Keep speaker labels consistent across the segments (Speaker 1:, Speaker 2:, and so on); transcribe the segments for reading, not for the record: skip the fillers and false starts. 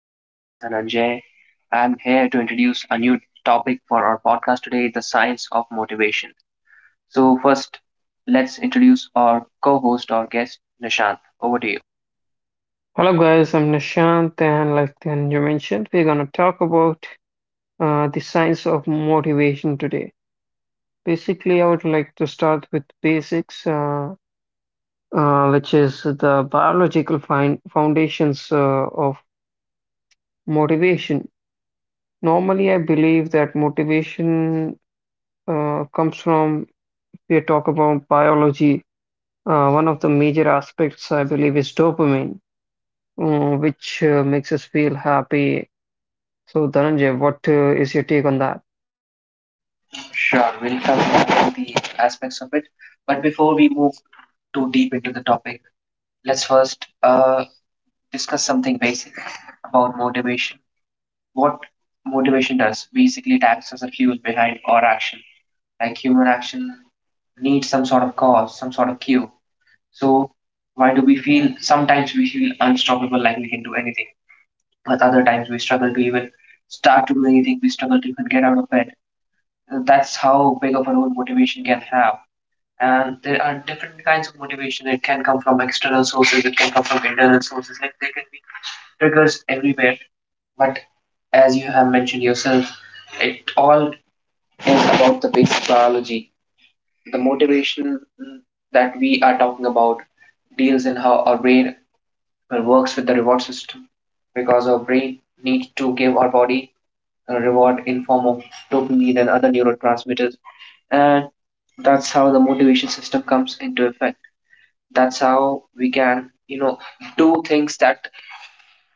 Speaker 1: My name is Dhananjay. I'm here to introduce a new topic for our podcast today: the science of motivation. So, first, let's introduce our co host or guest, Nishant. Over to you.
Speaker 2: Hello guys, I'm Nishant and like then you mentioned, we're gonna talk about the science of motivation today. Basically, I would like to start with basics, which is the biological fin foundations of motivation. Normally, I believe that motivation comes from, if we talk about biology, one of the major aspects I believe is dopamine, which makes us feel happy. So, Dhananjay, what is your take on that?
Speaker 1: Sure, we'll cover all the aspects of it. But before we move too deep into the topic, let's first discuss something basic about motivation. What motivation does, basically, it acts as a fuel behind our action, like human action needs some sort of cause, some sort of cue. So, why do we feel, sometimes we feel unstoppable, like we can do anything, but other times we struggle to even start to do anything, we struggle to even get out of bed. That's how big of a role motivation can have. And there are different kinds of motivation. It can come from external sources, it can come from internal sources, like there can be triggers everywhere. But as you have mentioned yourself, it all is about the basic biology, the motivation that we are talking about deals in how our brain works with the reward system, because our brain needs to give our body a reward in form of dopamine and other neurotransmitters, and that's how the motivation system comes into effect. That's how we can do things that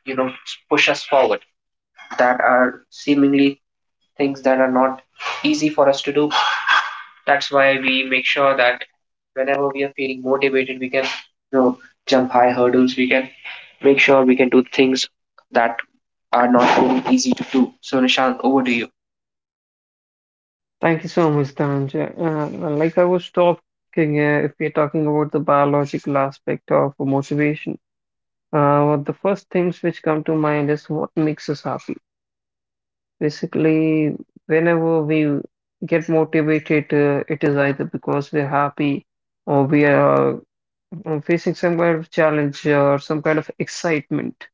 Speaker 1: you know push us forward, that are seemingly things that are not easy for us to do. That's why we make sure that whenever we are feeling motivated, we can you know jump high hurdles. We can make sure we can do things that are not really easy to do. So, Nishant, over to you.
Speaker 2: Thank you so much, Dhananjay. Like I was talking, if we're talking about the biological aspect of motivation, one of the first things which come to mind is what makes us happy. Basically, whenever we get motivated, it is either because we're happy or we are facing some kind of challenge or some kind of excitement.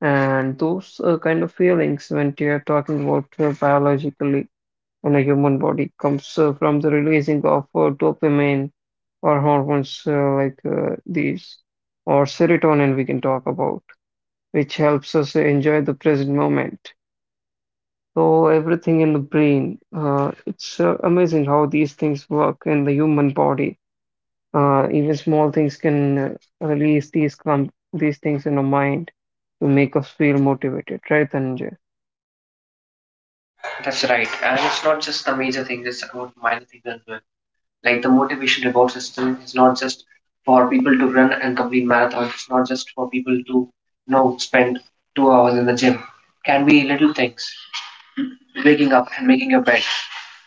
Speaker 2: And those kind of feelings, when you're talking about biologically, in the human body comes from the releasing of dopamine or hormones these, or serotonin, we can talk about, which helps us enjoy the present moment. So, everything in the brain, it's amazing how these things work in the human body. Even small things can release these things in our mind to make us feel motivated, right, Dhananjay?
Speaker 1: That's right, and it's not just the major thing; it's about minor things as well. Like, the motivation reward system is not just for people to run and complete marathons. It's not just for people to spend 2 hours in the gym. Can be little things, waking up and making your bed.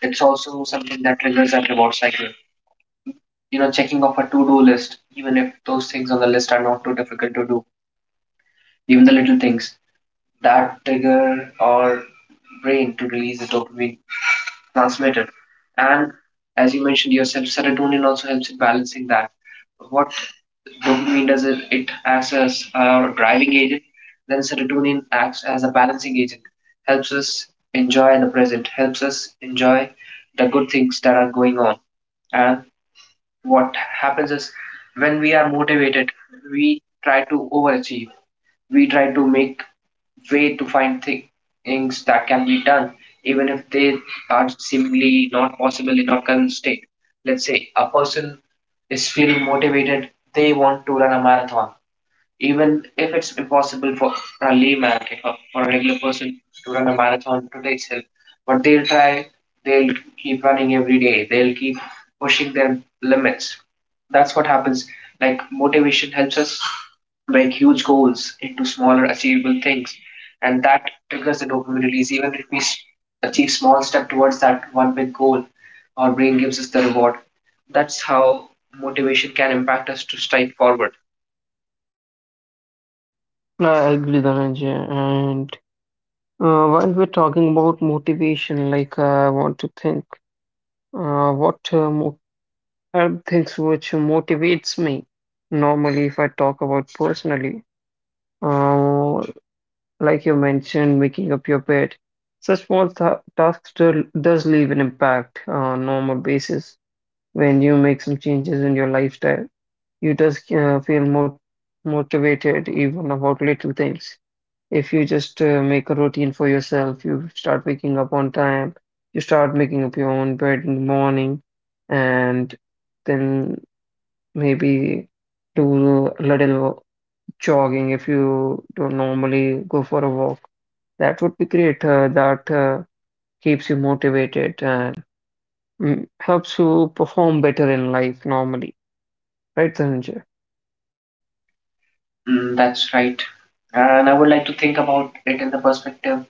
Speaker 1: It's also something that triggers that reward cycle. Checking off a to-do list, even if those things on the list are not too difficult to do, even the little things that trigger our brain to release the dopamine transmitter. And as you mentioned yourself, serotonin also helps in balancing that. What dopamine does, it acts as our driving agent. Then serotonin acts as a balancing agent, helps us enjoy the present, helps us enjoy the good things that are going on. And what happens is, when we are motivated, we try to overachieve. We try to make way to find things that can be done, even if they are seemingly not possible in our current state. Let's say a person is feeling motivated, they want to run a marathon. Even if it's impossible for a layman, if a, for a regular person to run a marathon today itself, but they'll try, they'll keep running every day, they'll keep pushing their limits. That's what happens. Like, motivation helps us break huge goals into smaller achievable things, and that triggers the dopamine release. Even if we achieve small step towards that one big goal, our brain gives us the reward. That's how motivation can impact us to strive forward.
Speaker 2: I agree, Dhananjay. While we're talking about motivation, like I want to think, what mo are things which motivates me? Normally, if I talk about personally, uh, like you mentioned, making up your bed, such small th tasks do does leave an impact on normal basis. When you make some changes in your lifestyle, you just feel more motivated even about little things. If you just make a routine for yourself, you start waking up on time, you start making up your own bed in the morning, and then maybe do a little jogging if you don't normally go for a walk. That would be great. That keeps you motivated and helps you perform better in life normally, right, Dhananjay?
Speaker 1: Mm, that's right. And I would like to think about it in the perspective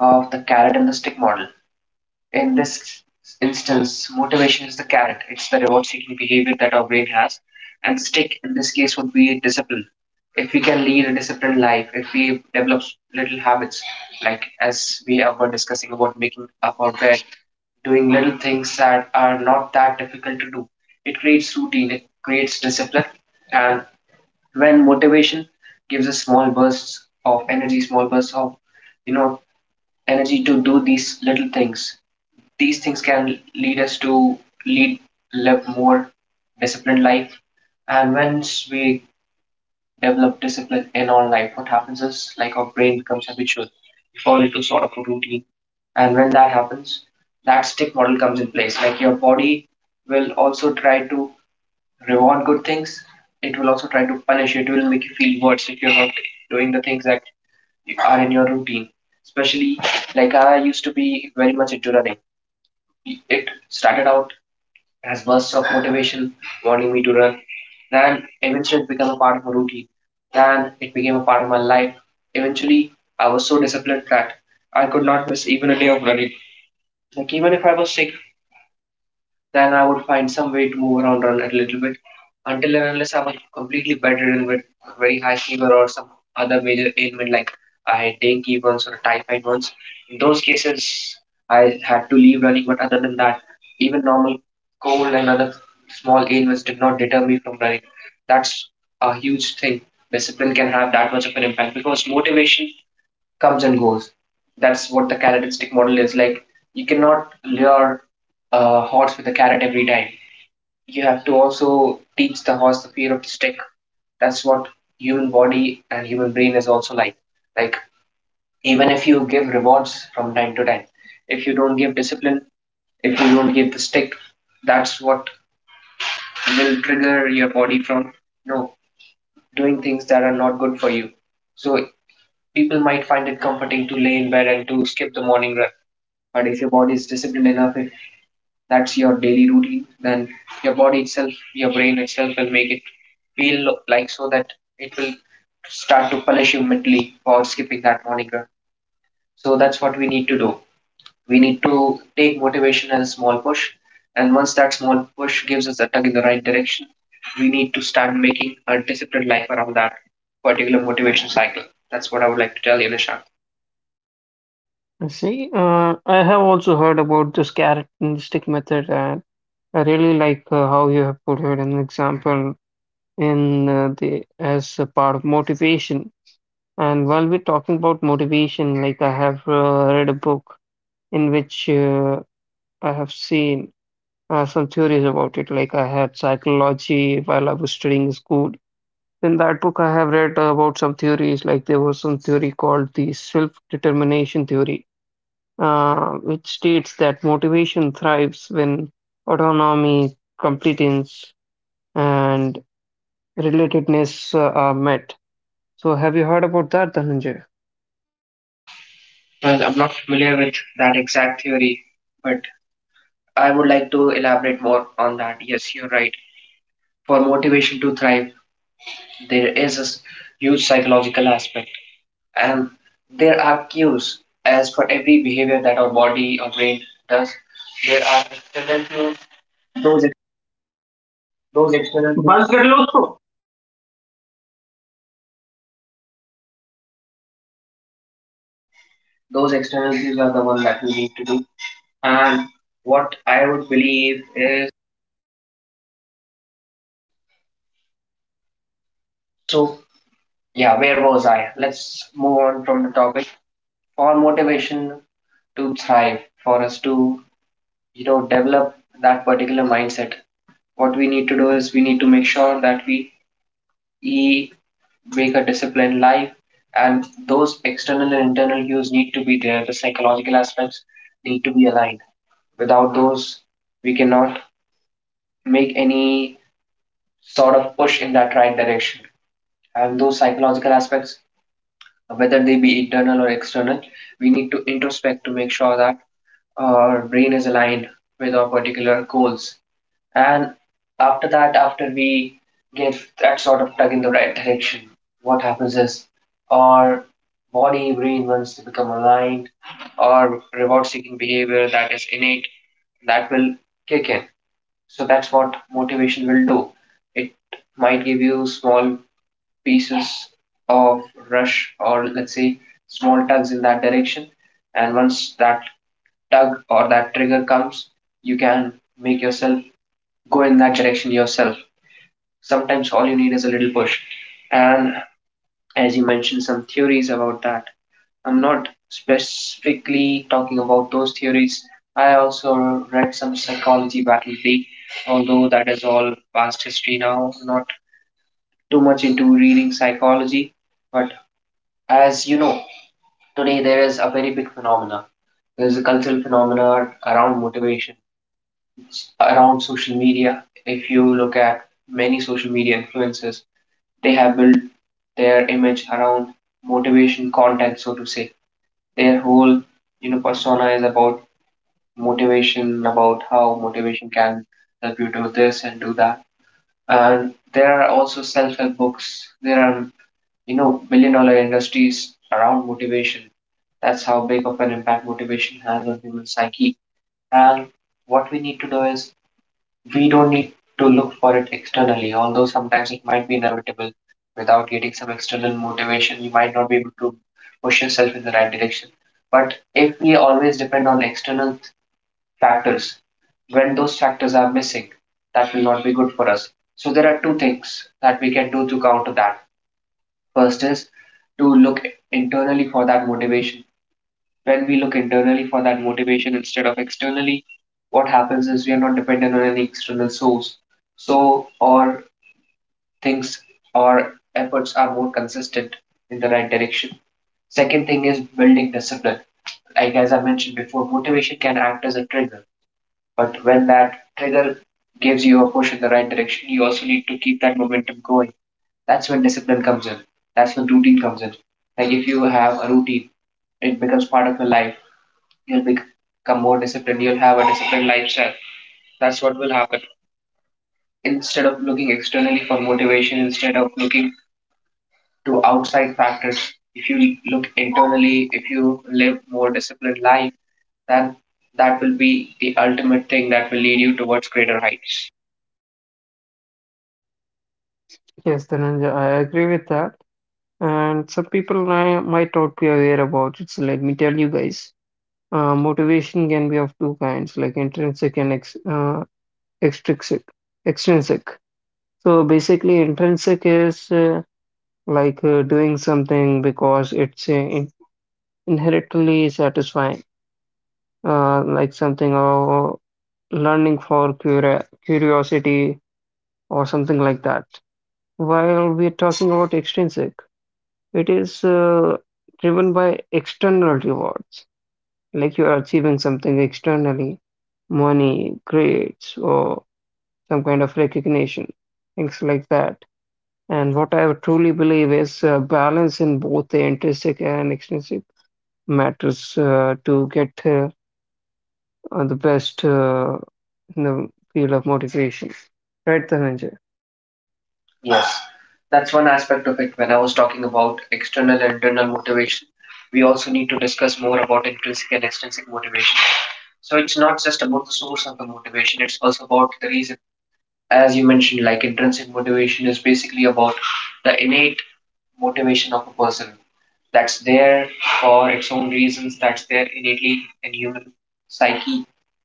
Speaker 1: of the carrot and the stick model. In this instance, motivation is the carrot, it's the reward seeking behavior that our brain has. And stick in this case would be discipline. If we can lead a disciplined life, if we develop little habits, like as we were discussing about making up our bed, doing little things that are not that difficult to do. It creates routine, it creates discipline, and when motivation gives us small bursts of energy, small bursts of you know energy to do these little things. These things can lead us to lead live more disciplined life. And once we develop discipline in our life, what happens is, like, our brain becomes habitual. We fall into sort of a routine. And when that happens, that stick model comes in place. Like, your body will also try to reward good things, it will also try to punish you. It will make you feel worse if you're not doing the things that are in your routine. Especially, like, I used to be very much into running. It started out as bursts of motivation, wanting me to run. Then eventually it became a part of a routine. Then it became a part of my life. Eventually, I was so disciplined that I could not miss even a day of running. Like, even if I was sick, then I would find some way to move around on it a little bit, until and unless I'm completely bedridden with very high fever or some other major ailment, like I had dengue once or typhoid once. In those cases, I had to leave running, but other than that, even normal cold and other small ailments did not deter me from running. That's a huge thing. Discipline can have that much of an impact, because motivation comes and goes. That's what the carrot and stick model is like. You cannot lure a horse with a carrot every time. You have to also teach the horse the fear of the stick. That's what human body and human brain is also like. Like, even if you give rewards from time to time, if you don't give discipline, if you don't give the stick, that's what will trigger your body from you know doing things that are not good for you. So, people might find it comforting to lay in bed and to skip the morning run. But if your body is disciplined enough, if that's your daily routine, then your body itself, your brain itself, will make it feel like, so that it will start to punish you mentally for skipping that morning run. So, that's what we need to do. We need to take motivation as a small push, and once that small push gives us a tug in the right direction, we need to start making a disciplined life around that particular motivation cycle. That's what I would like to tell you, Nishant.
Speaker 2: I see, I have also heard about this carrot and stick method, and I really like how you have put it an example in the as a part of motivation. And while we're talking about motivation, like I have read a book in which I have seen some theories about it. Like I had psychology while I was studying in school. In that book, I have read about some theories. Like there was some theory called the self-determination theory, which states that motivation thrives when autonomy completes and relatedness are met. So, have you heard about that, Dhananjay?
Speaker 1: Well, I'm not familiar with that exact theory, but I would like to elaborate more on that. Yes, you're right. For motivation to thrive, there is a huge psychological aspect, and there are cues. As for every behavior that our body or brain does, there are external cues. Those, ex- those external cues, बंद कर लो उसको, those external cues are the one that we need to do. And what I would believe is, so, yeah, where was I? Let's move on from the topic. For motivation to thrive, for us to develop that particular mindset, what we need to do is we need to make sure that we e- make a disciplined life, and those external and internal cues need to be there. The psychological aspects need to be aligned. Without those, we cannot make any sort of push in that right direction. And those psychological aspects, whether they be internal or external, we need to introspect to make sure that our brain is aligned with our particular goals. And after that, after we give that sort of tug in the right direction, what happens is our body reinvents to become aligned, our reward seeking behavior that is innate, that will kick in. So, that's what motivation will do. It might give you small pieces of rush, or let's say small tugs in that direction. And once that tug or that trigger comes, you can make yourself go in that direction yourself. Sometimes all you need is a little push. And as you mentioned, some theories about that. I'm not specifically talking about those theories. I also read some psychology back in the day, although that is all past history now. Not too much into reading psychology, but as you know, today there is a very big phenomena. There's a cultural phenomena around motivation, around social media. If you look at many social media influencers, they have built their image around motivation content, so to say. Their whole persona is about motivation, about how motivation can help you do this and do that. And there are also self-help books, there are billion dollar industries around motivation. That's how big of an impact motivation has on human psyche. And what we need to do is, we don't need to look for it externally, although sometimes it might be inevitable. Without getting some external motivation, you might not be able to push yourself in the right direction. But if we always depend on external factors, when those factors are missing, that will not be good for us. So, there are two things that we can do to counter that. First is to look internally for that motivation. When we look internally for that motivation instead of externally, what happens is we are not dependent on any external source. So our things, our efforts are more consistent in the right direction. Second thing is building discipline. Like as I mentioned before, motivation can act as a trigger, but when that trigger gives you a push in the right direction, you also need to keep that momentum going. That's when discipline comes in. That's when routine comes in. Like if you have a routine, it becomes part of your life. You'll become more disciplined, you'll have a disciplined lifestyle. That's what will happen. Instead of looking externally for motivation, instead of looking to outside factors, if you look internally, if you live more disciplined life, then that will be the ultimate thing that will lead you towards greater heights.
Speaker 2: Yes, Dhananjay, I agree with that. And some people might not be aware about it. So, let me tell you guys, motivation can be of two kinds, like intrinsic and ex extrinsic. Extrinsic. So, basically, intrinsic is doing something because it's in inherently satisfying, like something or learning for curia curiosity, or something like that. While we're talking about extrinsic, it is driven by external rewards, like you are achieving something externally, money, grades, or some kind of recognition, things like that. And what I truly believe is balance in both the intrinsic and extrinsic matters to get the best in the field of motivation. Right, Dhananjay?
Speaker 1: Yes, that's one aspect of it. When I was talking about external and internal motivation, we also need to discuss more about intrinsic and extrinsic motivation. So it's not just about the source of the motivation, it's also about the reason. As you mentioned, like intrinsic motivation is basically about the innate motivation of a person that's there for its own reasons, that's there innately in human psyche,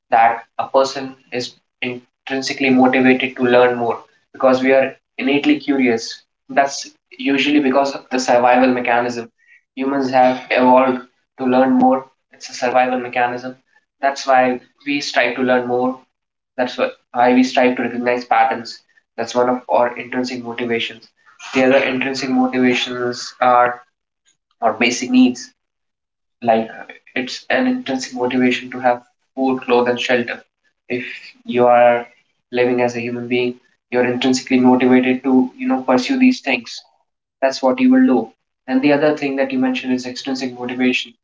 Speaker 1: that a person is intrinsically motivated to learn more because we are innately curious. That's usually because of the survival mechanism. Humans have evolved to learn more, it's a survival mechanism. That's why we strive to learn more, that's why we strive to recognize patterns. That's one of our intrinsic motivations. The other intrinsic motivations are our basic needs. Like it's an intrinsic motivation to have food, clothes, and shelter. If you are living as a human being, you're intrinsically motivated to you know pursue these things. That's what you will do. And the other thing that you mentioned is extrinsic motivation.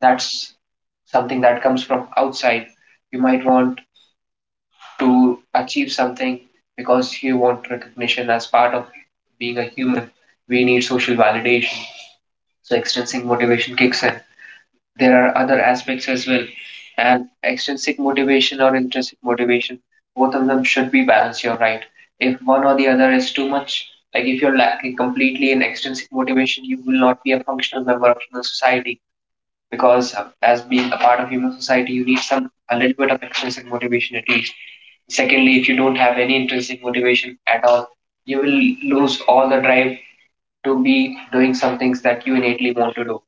Speaker 1: That's something that comes from outside. You might want to achieve something because you want recognition. As part of being a human, we need social validation, so extrinsic motivation kicks in. There are other aspects as well, and extrinsic motivation or intrinsic motivation, both of them should be balanced. You're right, if one or the other is too much, like if you're lacking completely in extrinsic motivation, you will not be a functional member of human society, because as being a part of human society you need some a little bit of intrinsic motivation at least. Secondly, if you don't have any intrinsic motivation at all, you will lose all the drive to be doing some things that you innately want to do.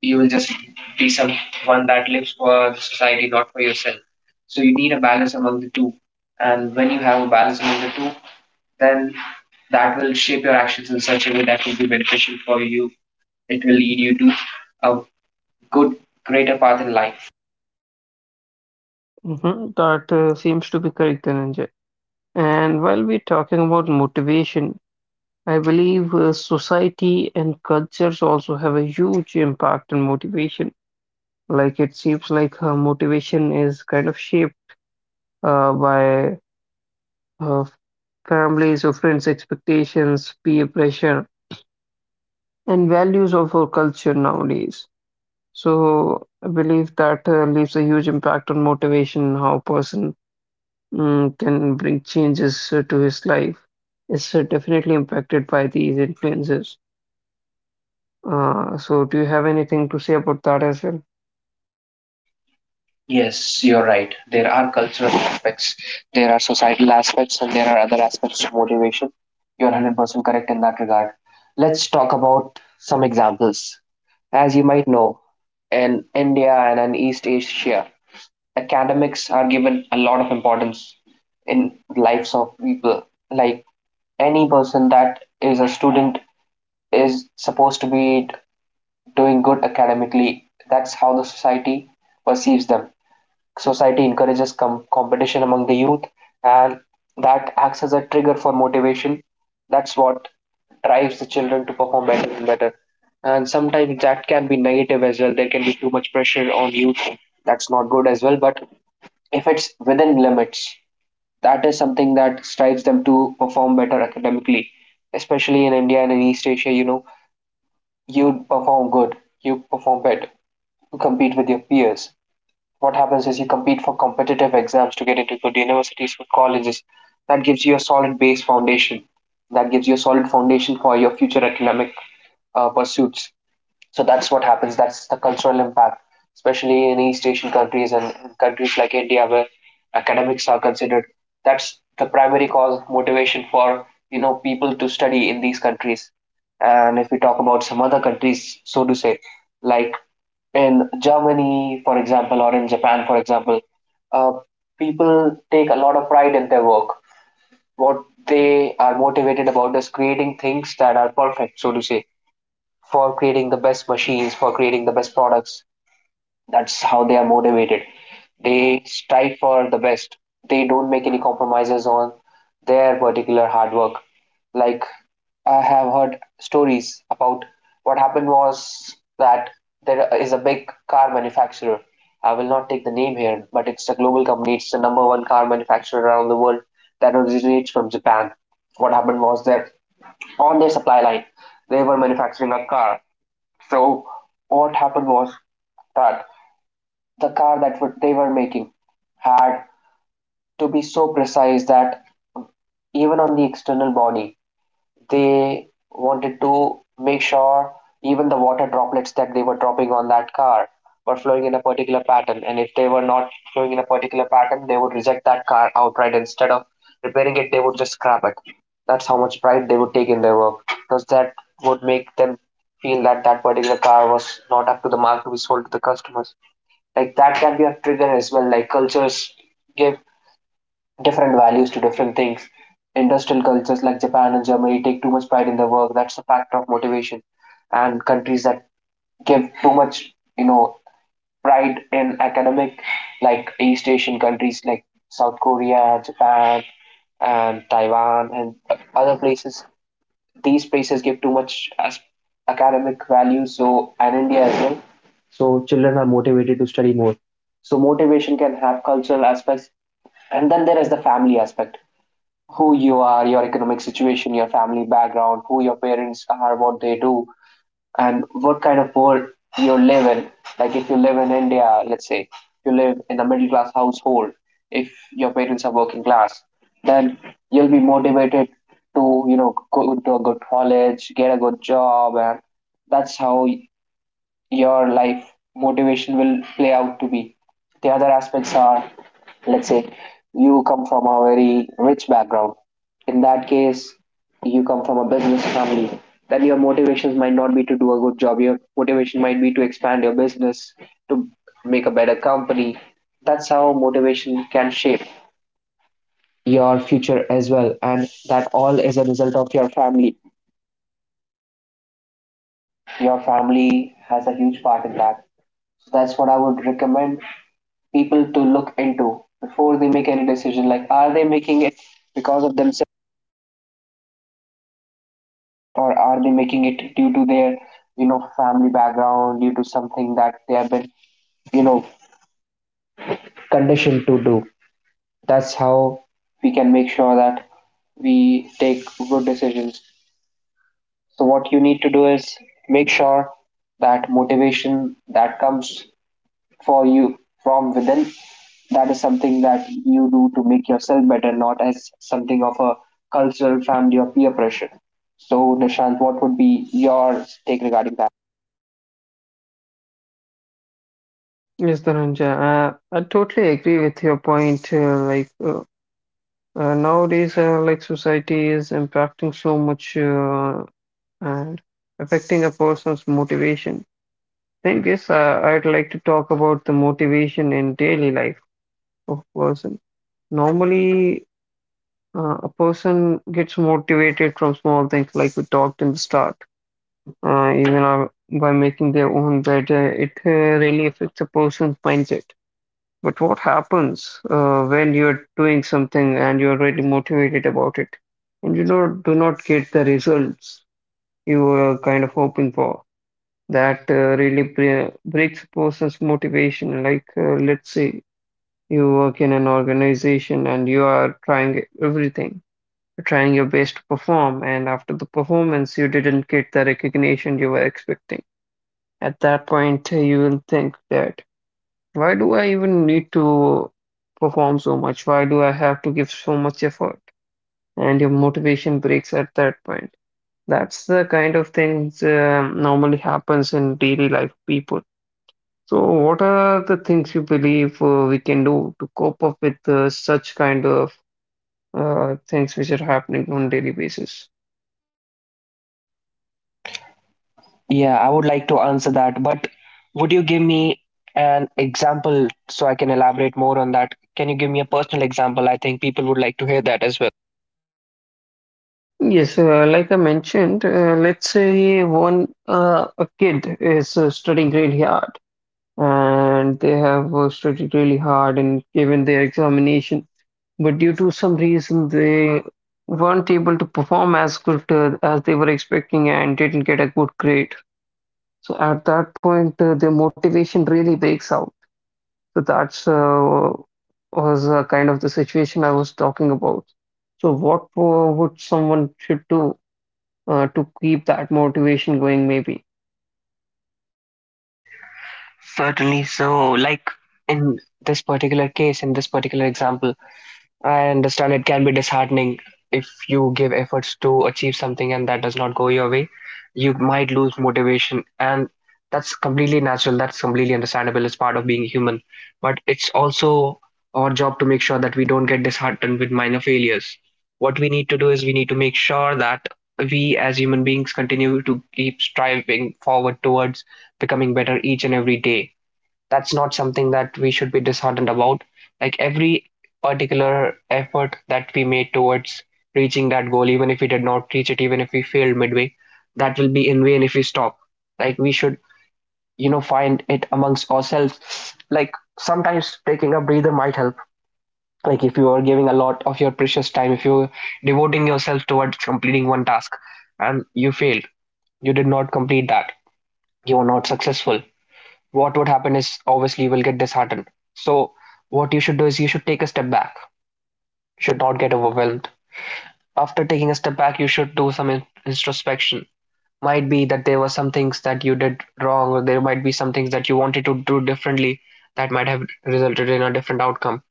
Speaker 1: You will just be some one that lives for the society, not for yourself. So you need a balance among the two, and when you have a balance among the two, then that will shape your actions in such a way that will be beneficial for you. It will lead you to a good, greater path in life.
Speaker 2: Mm-hmm. That seems to be correct, Dhananjay. And while we're talking about motivation, I believe society and cultures also have a huge impact on motivation. Like it seems like motivation is kind of shaped by uh, families or friends' expectations, peer pressure, and values of our culture nowadays. So I believe that leaves a huge impact on motivation, how a person can bring changes to his life is definitely impacted by these influences. So, do you have anything to say about that as well?
Speaker 1: Yes, you're right. There are cultural aspects, there are societal aspects, and there are other aspects to motivation. You're 100% correct in that regard. Let's talk about some examples. As you might know, in India and in East Asia, academics are given a lot of importance in lives of people. Like any person that is a student is supposed to be doing good academically. That's how the society perceives them. Society encourages competition among the youth, and that acts as a trigger for motivation. That's what drives the children to perform better and better. And sometimes that can be negative as well, there can be too much pressure on youth, that's not good as well, but if it's within limits, that is something that strives them to perform better academically, especially in India and in East Asia. You know, you perform good, you perform better, you compete with your peers. What happens is you compete for competitive exams to get into good universities, good colleges. That gives you a solid base foundation. That gives you a solid foundation for your future academic pursuits. So that's what happens. That's the cultural impact, especially in East Asian countries and in countries like India where academics are considered. That's the primary cause motivation for you know people to study in these countries. And if we talk about some other countries, so to say, like in Germany, for example, or in Japan, for example, uh, people take a lot of pride in their work. What they are motivated about is creating things that are perfect, so to say, for creating the best machines, for creating the best products. That's how they are motivated. They strive for the best. They don't make any compromises on their particular hard work. Like I have heard stories about what happened was that there is a big car manufacturer. I will not take the name here, but it's a global company. It's the number one car manufacturer around the world that originates from Japan. What happened was that on their supply line, they were manufacturing a car. So what happened was that the car that they were making had to be so precise that even on the external body, they wanted to make sure even the water droplets that they were dropping on that car were flowing in a particular pattern. And if they were not flowing in a particular pattern, they would reject that car outright. Instead of repairing it, they would just scrap it. That's how much pride they would take in their work, because that would make them feel that that particular car was not up to the mark to be sold to the customers. Like that can be a trigger as well. Like cultures give different values to different things. Industrial cultures like Japan and Germany take too much pride in their work, that's a factor of motivation. And countries that give too much you know pride in academic, like East Asian countries like South Korea, Japan, and Taiwan, and other places, these places give too much as academic value, so, and India as well. So children are motivated to study more. So motivation can have cultural aspects, and then there is the family aspect. Who you are, your economic situation, your family background, who your parents are, what they do, and what kind of world you live in. Like if you live in India, let's say, if you live in a middle class household, if your parents are working class, then you'll be motivated to you know go to a good college, get a good job, and that's how your life motivation will play out to be. The other aspects are, let's say you come from a very rich background, in that case you come from a business family, then your motivations might not be to do a good job, your motivation might be to expand your business, to make a better company. That's how motivation can shape your future as well, and that all is a result of your family. Your family has a huge part in that. So that's what I would recommend people to look into before they make any decision. Like, are they making it because of themselves, or are they making it due to their you know family background, due to something that they have been you know conditioned to do? That's how we can make sure that we take good decisions. So what you need to do is make sure that motivation that comes for you from within, that is something that you do to make yourself better, not as something of a cultural, family, or peer pressure. So, Nishant, what would be your take regarding that?
Speaker 2: Yes, Dhananjay, I totally agree with your point. Nowadays, like society is impacting so much and affecting a person's motivation. Thing is, I'd like to talk about the motivation in daily life of person. Normally, a person gets motivated from small things, like we talked in the start. Even by making their own bed, it really affects a person's mindset. But what happens when you're doing something and you're really motivated about it, and you not, do not get the results you were kind of hoping for? That really breaks a person's motivation. Like, let's say you work in an organization and you are trying your best to perform, and after the performance, you didn't get the recognition you were expecting. At that point, you will think that why do I even need to perform so much? Why do I have to give so much effort? And your motivation breaks at that point. That's the kind of things normally happens in daily life people. So, what are the things you believe we can do to cope up with such kind of things which are happening on daily basis?
Speaker 1: Yeah, I would like to answer that, but would you give me an example so I can elaborate more on that? Can you give me a personal example? I think people would like to hear that as well.
Speaker 2: Yes, like I mentioned, let's say one a kid is studying really hard and they have studied really hard and given their examination, but due to some reason they weren't able to perform as good as they were expecting and didn't get a good grade. So at that point, their motivation really breaks out. So that's was kind of the situation I was talking about. So what would someone should do to keep that motivation going, maybe.
Speaker 1: Certainly. So, like in this particular case, in this particular example, I understand it can be disheartening if you give efforts to achieve something and that does not go your way. You might lose motivation, and that's completely natural. That's completely understandable. It's part of being human. But it's also our job to make sure that we don't get disheartened with minor failures. What we need to do is we need to make sure that we as human beings continue to keep striving forward towards becoming better each and every day. That's not something that we should be disheartened about. Like every particular effort that we made towards reaching that goal, even if we did not reach it, even if we failed midway, that will be in vain if we stop. Like we should, you know, find it amongst ourselves. Like sometimes taking a breather might help. Like if you are giving a lot of your precious time, if you're devoting yourself towards completing one task and you failed, you did not complete that, you were not successful, what would happen is obviously you will get disheartened. So what you should do is you should take a step back. You should not get overwhelmed. After taking a step back, you should do some introspection. Might be that there were some things that you did wrong, or there might be some things that you wanted to do differently that might have resulted in a different outcome.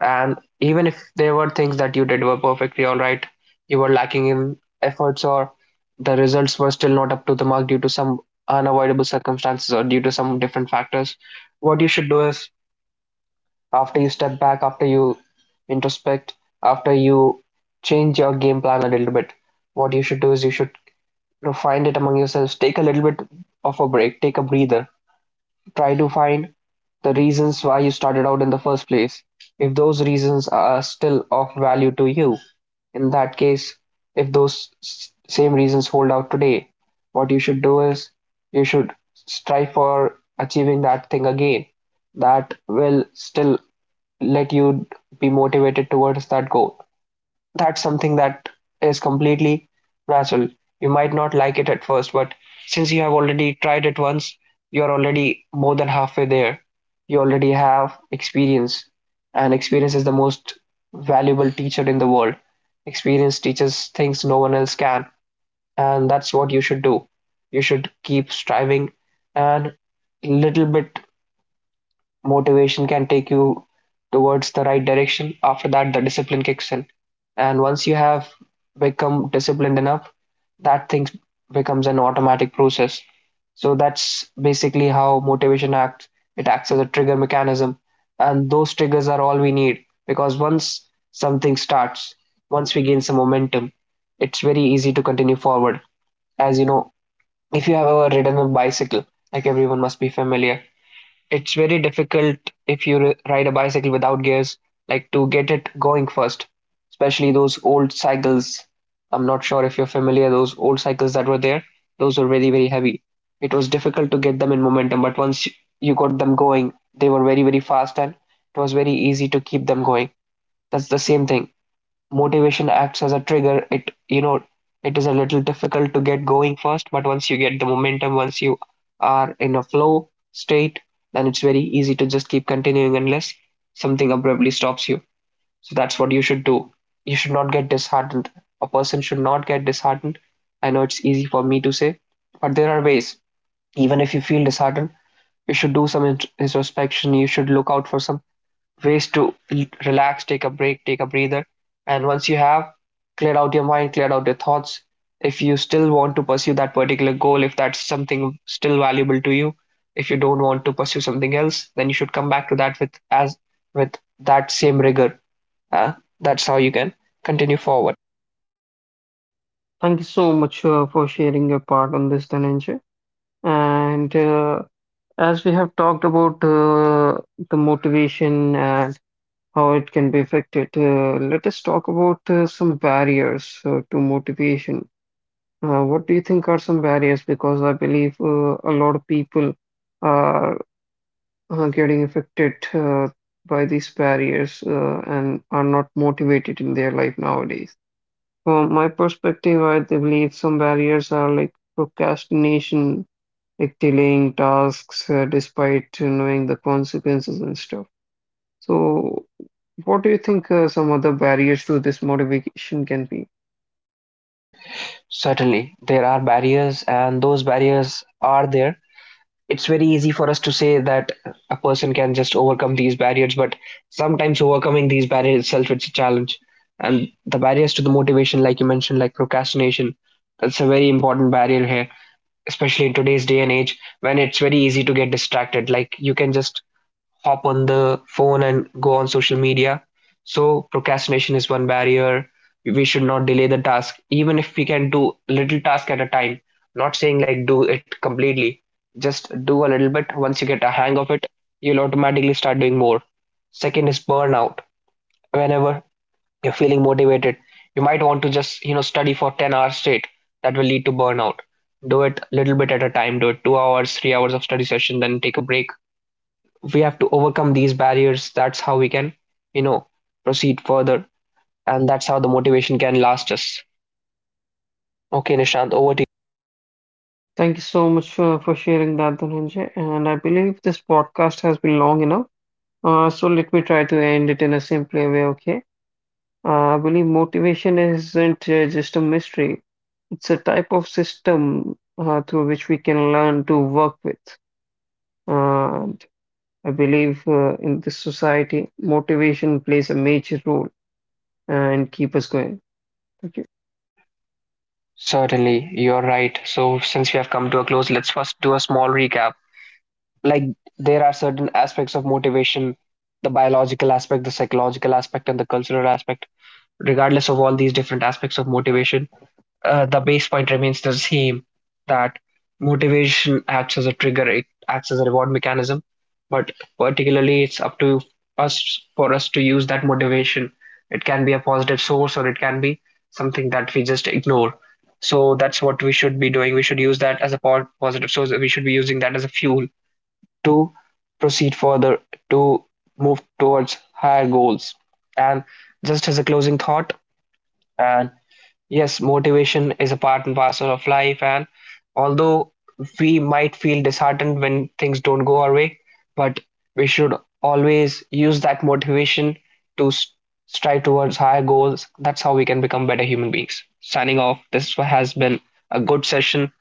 Speaker 1: And even if there were things that you did were perfectly all right, you were lacking in efforts, or the results were still not up to the mark due to some unavoidable circumstances or due to some different factors, what you should do is, after you step back, after you introspect, after you change your game plan a little bit, what you should do is you should, you know, find it among yourselves, take a little bit of a break, take a breather, try to find the reasons why you started out in the first place. If those reasons are still of value to you, in that case, if those same reasons hold out today, what you should do is you should strive for achieving that thing again. That will still let you be motivated towards that goal. That's something that is completely natural. You might not like it at first, but since you have already tried it once, you're already more than halfway there. You already have experience, and experience is the most valuable teacher in the world. Experience teaches things no one else can, and that's what you should do. You should keep striving, and little bit motivation can take you towards the right direction. After that, the discipline kicks in. And once you have become disciplined enough, that thing becomes an automatic process. So that's basically how motivation acts. It acts as a trigger mechanism. And those triggers are all we need, because once something starts, once we gain some momentum, it's very easy to continue forward. As you know, if you have ever ridden a bicycle, like everyone must be familiar, it's very difficult if you ride a bicycle without gears, like to get it going first, especially those old cycles. I'm not sure if you're familiar, those old cycles that were there, those were very, very heavy. It was difficult to get them in momentum, but once you got them going, they were very, very fast, and it was very easy to keep them going. That's the same thing. Motivation acts as a trigger. It, you know, it is a little difficult to get going first, but once you get the momentum, once you are in a flow state, then it's very easy to just keep continuing unless something abruptly stops you. So that's what you should do. You should not get disheartened. A person should not get disheartened. I know it's easy for me to say, but there are ways. Even if you feel disheartened, you should do some introspection. You should look out for some ways to relax, take a break, take a breather. And once you have cleared out your mind, cleared out your thoughts, if you still want to pursue that particular goal, if that's something still valuable to you, if you don't want to pursue something else, then you should come back to that with as with that same rigor. Uh, that's how you can continue forward.
Speaker 2: Thank you so much for sharing your part on this, Dhananjay. And as we have talked about the motivation and how it can be affected, let us talk about some barriers to motivation. What do you think are some barriers? Because I believe a lot of people are getting affected by these barriers and are not motivated in their life nowadays. From my perspective, I believe some barriers are like procrastination, like delaying tasks despite knowing the consequences and stuff. So, what do you think some other barriers to this motivation can be?
Speaker 1: Certainly, there are barriers, and those barriers are there. It's very easy for us to say that a person can just overcome these barriers, but sometimes overcoming these barriers itself, it's a challenge. And the barriers to the motivation, like you mentioned, like procrastination, that's a very important barrier here, especially in today's day and age when it's very easy to get distracted. Like you can just hop on the phone and go on social media. So procrastination is one barrier. We should not delay the task, even if we can do a little task at a time. Not saying like do it completely, just do a little bit. Once you get a hang of it, you'll automatically start doing more. Second is burnout. Whenever you're feeling motivated, you might want to just, you know, study for 10 hours straight. That will lead to burnout. Do it a little bit at a time. Do it 2 hours, 3 hours of study session, then take a break. We have to overcome these barriers. That's how we can, you know, proceed further, and that's how the motivation can last us. Okay, Nishant, over to you.
Speaker 2: Thank you so much for sharing that, Dhananjay. And I believe this podcast has been long enough. So let me try to end it in a simpler way, okay? I believe motivation isn't just a mystery. It's a type of system through which we can learn to work with. And I believe in this society, motivation plays a major role and keep us going. Thank you.
Speaker 1: Certainly, you're right. So since we have come to a close, let's first do a small recap. Like, there are certain aspects of motivation: the biological aspect, the psychological aspect, and the cultural aspect. Regardless of all these different aspects of motivation, the base point remains the same, that motivation acts as a trigger, it acts as a reward mechanism. But particularly, it's up to us, for us to use that motivation. It can be a positive source, or it can be something that we just ignore. So that's what we should be doing. We should use that as a positive source. We should be using that as a fuel to proceed further, to move towards higher goals. And just as a closing thought, and yes, motivation is a part and parcel of life. And although we might feel disheartened when things don't go our way, but we should always use that motivation to strive towards higher goals. That's how we can become better human beings. Signing off. This has been a good session.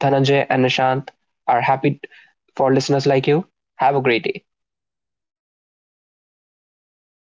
Speaker 1: Dhananjay and Nishant are happy for listeners like you. Have a great day.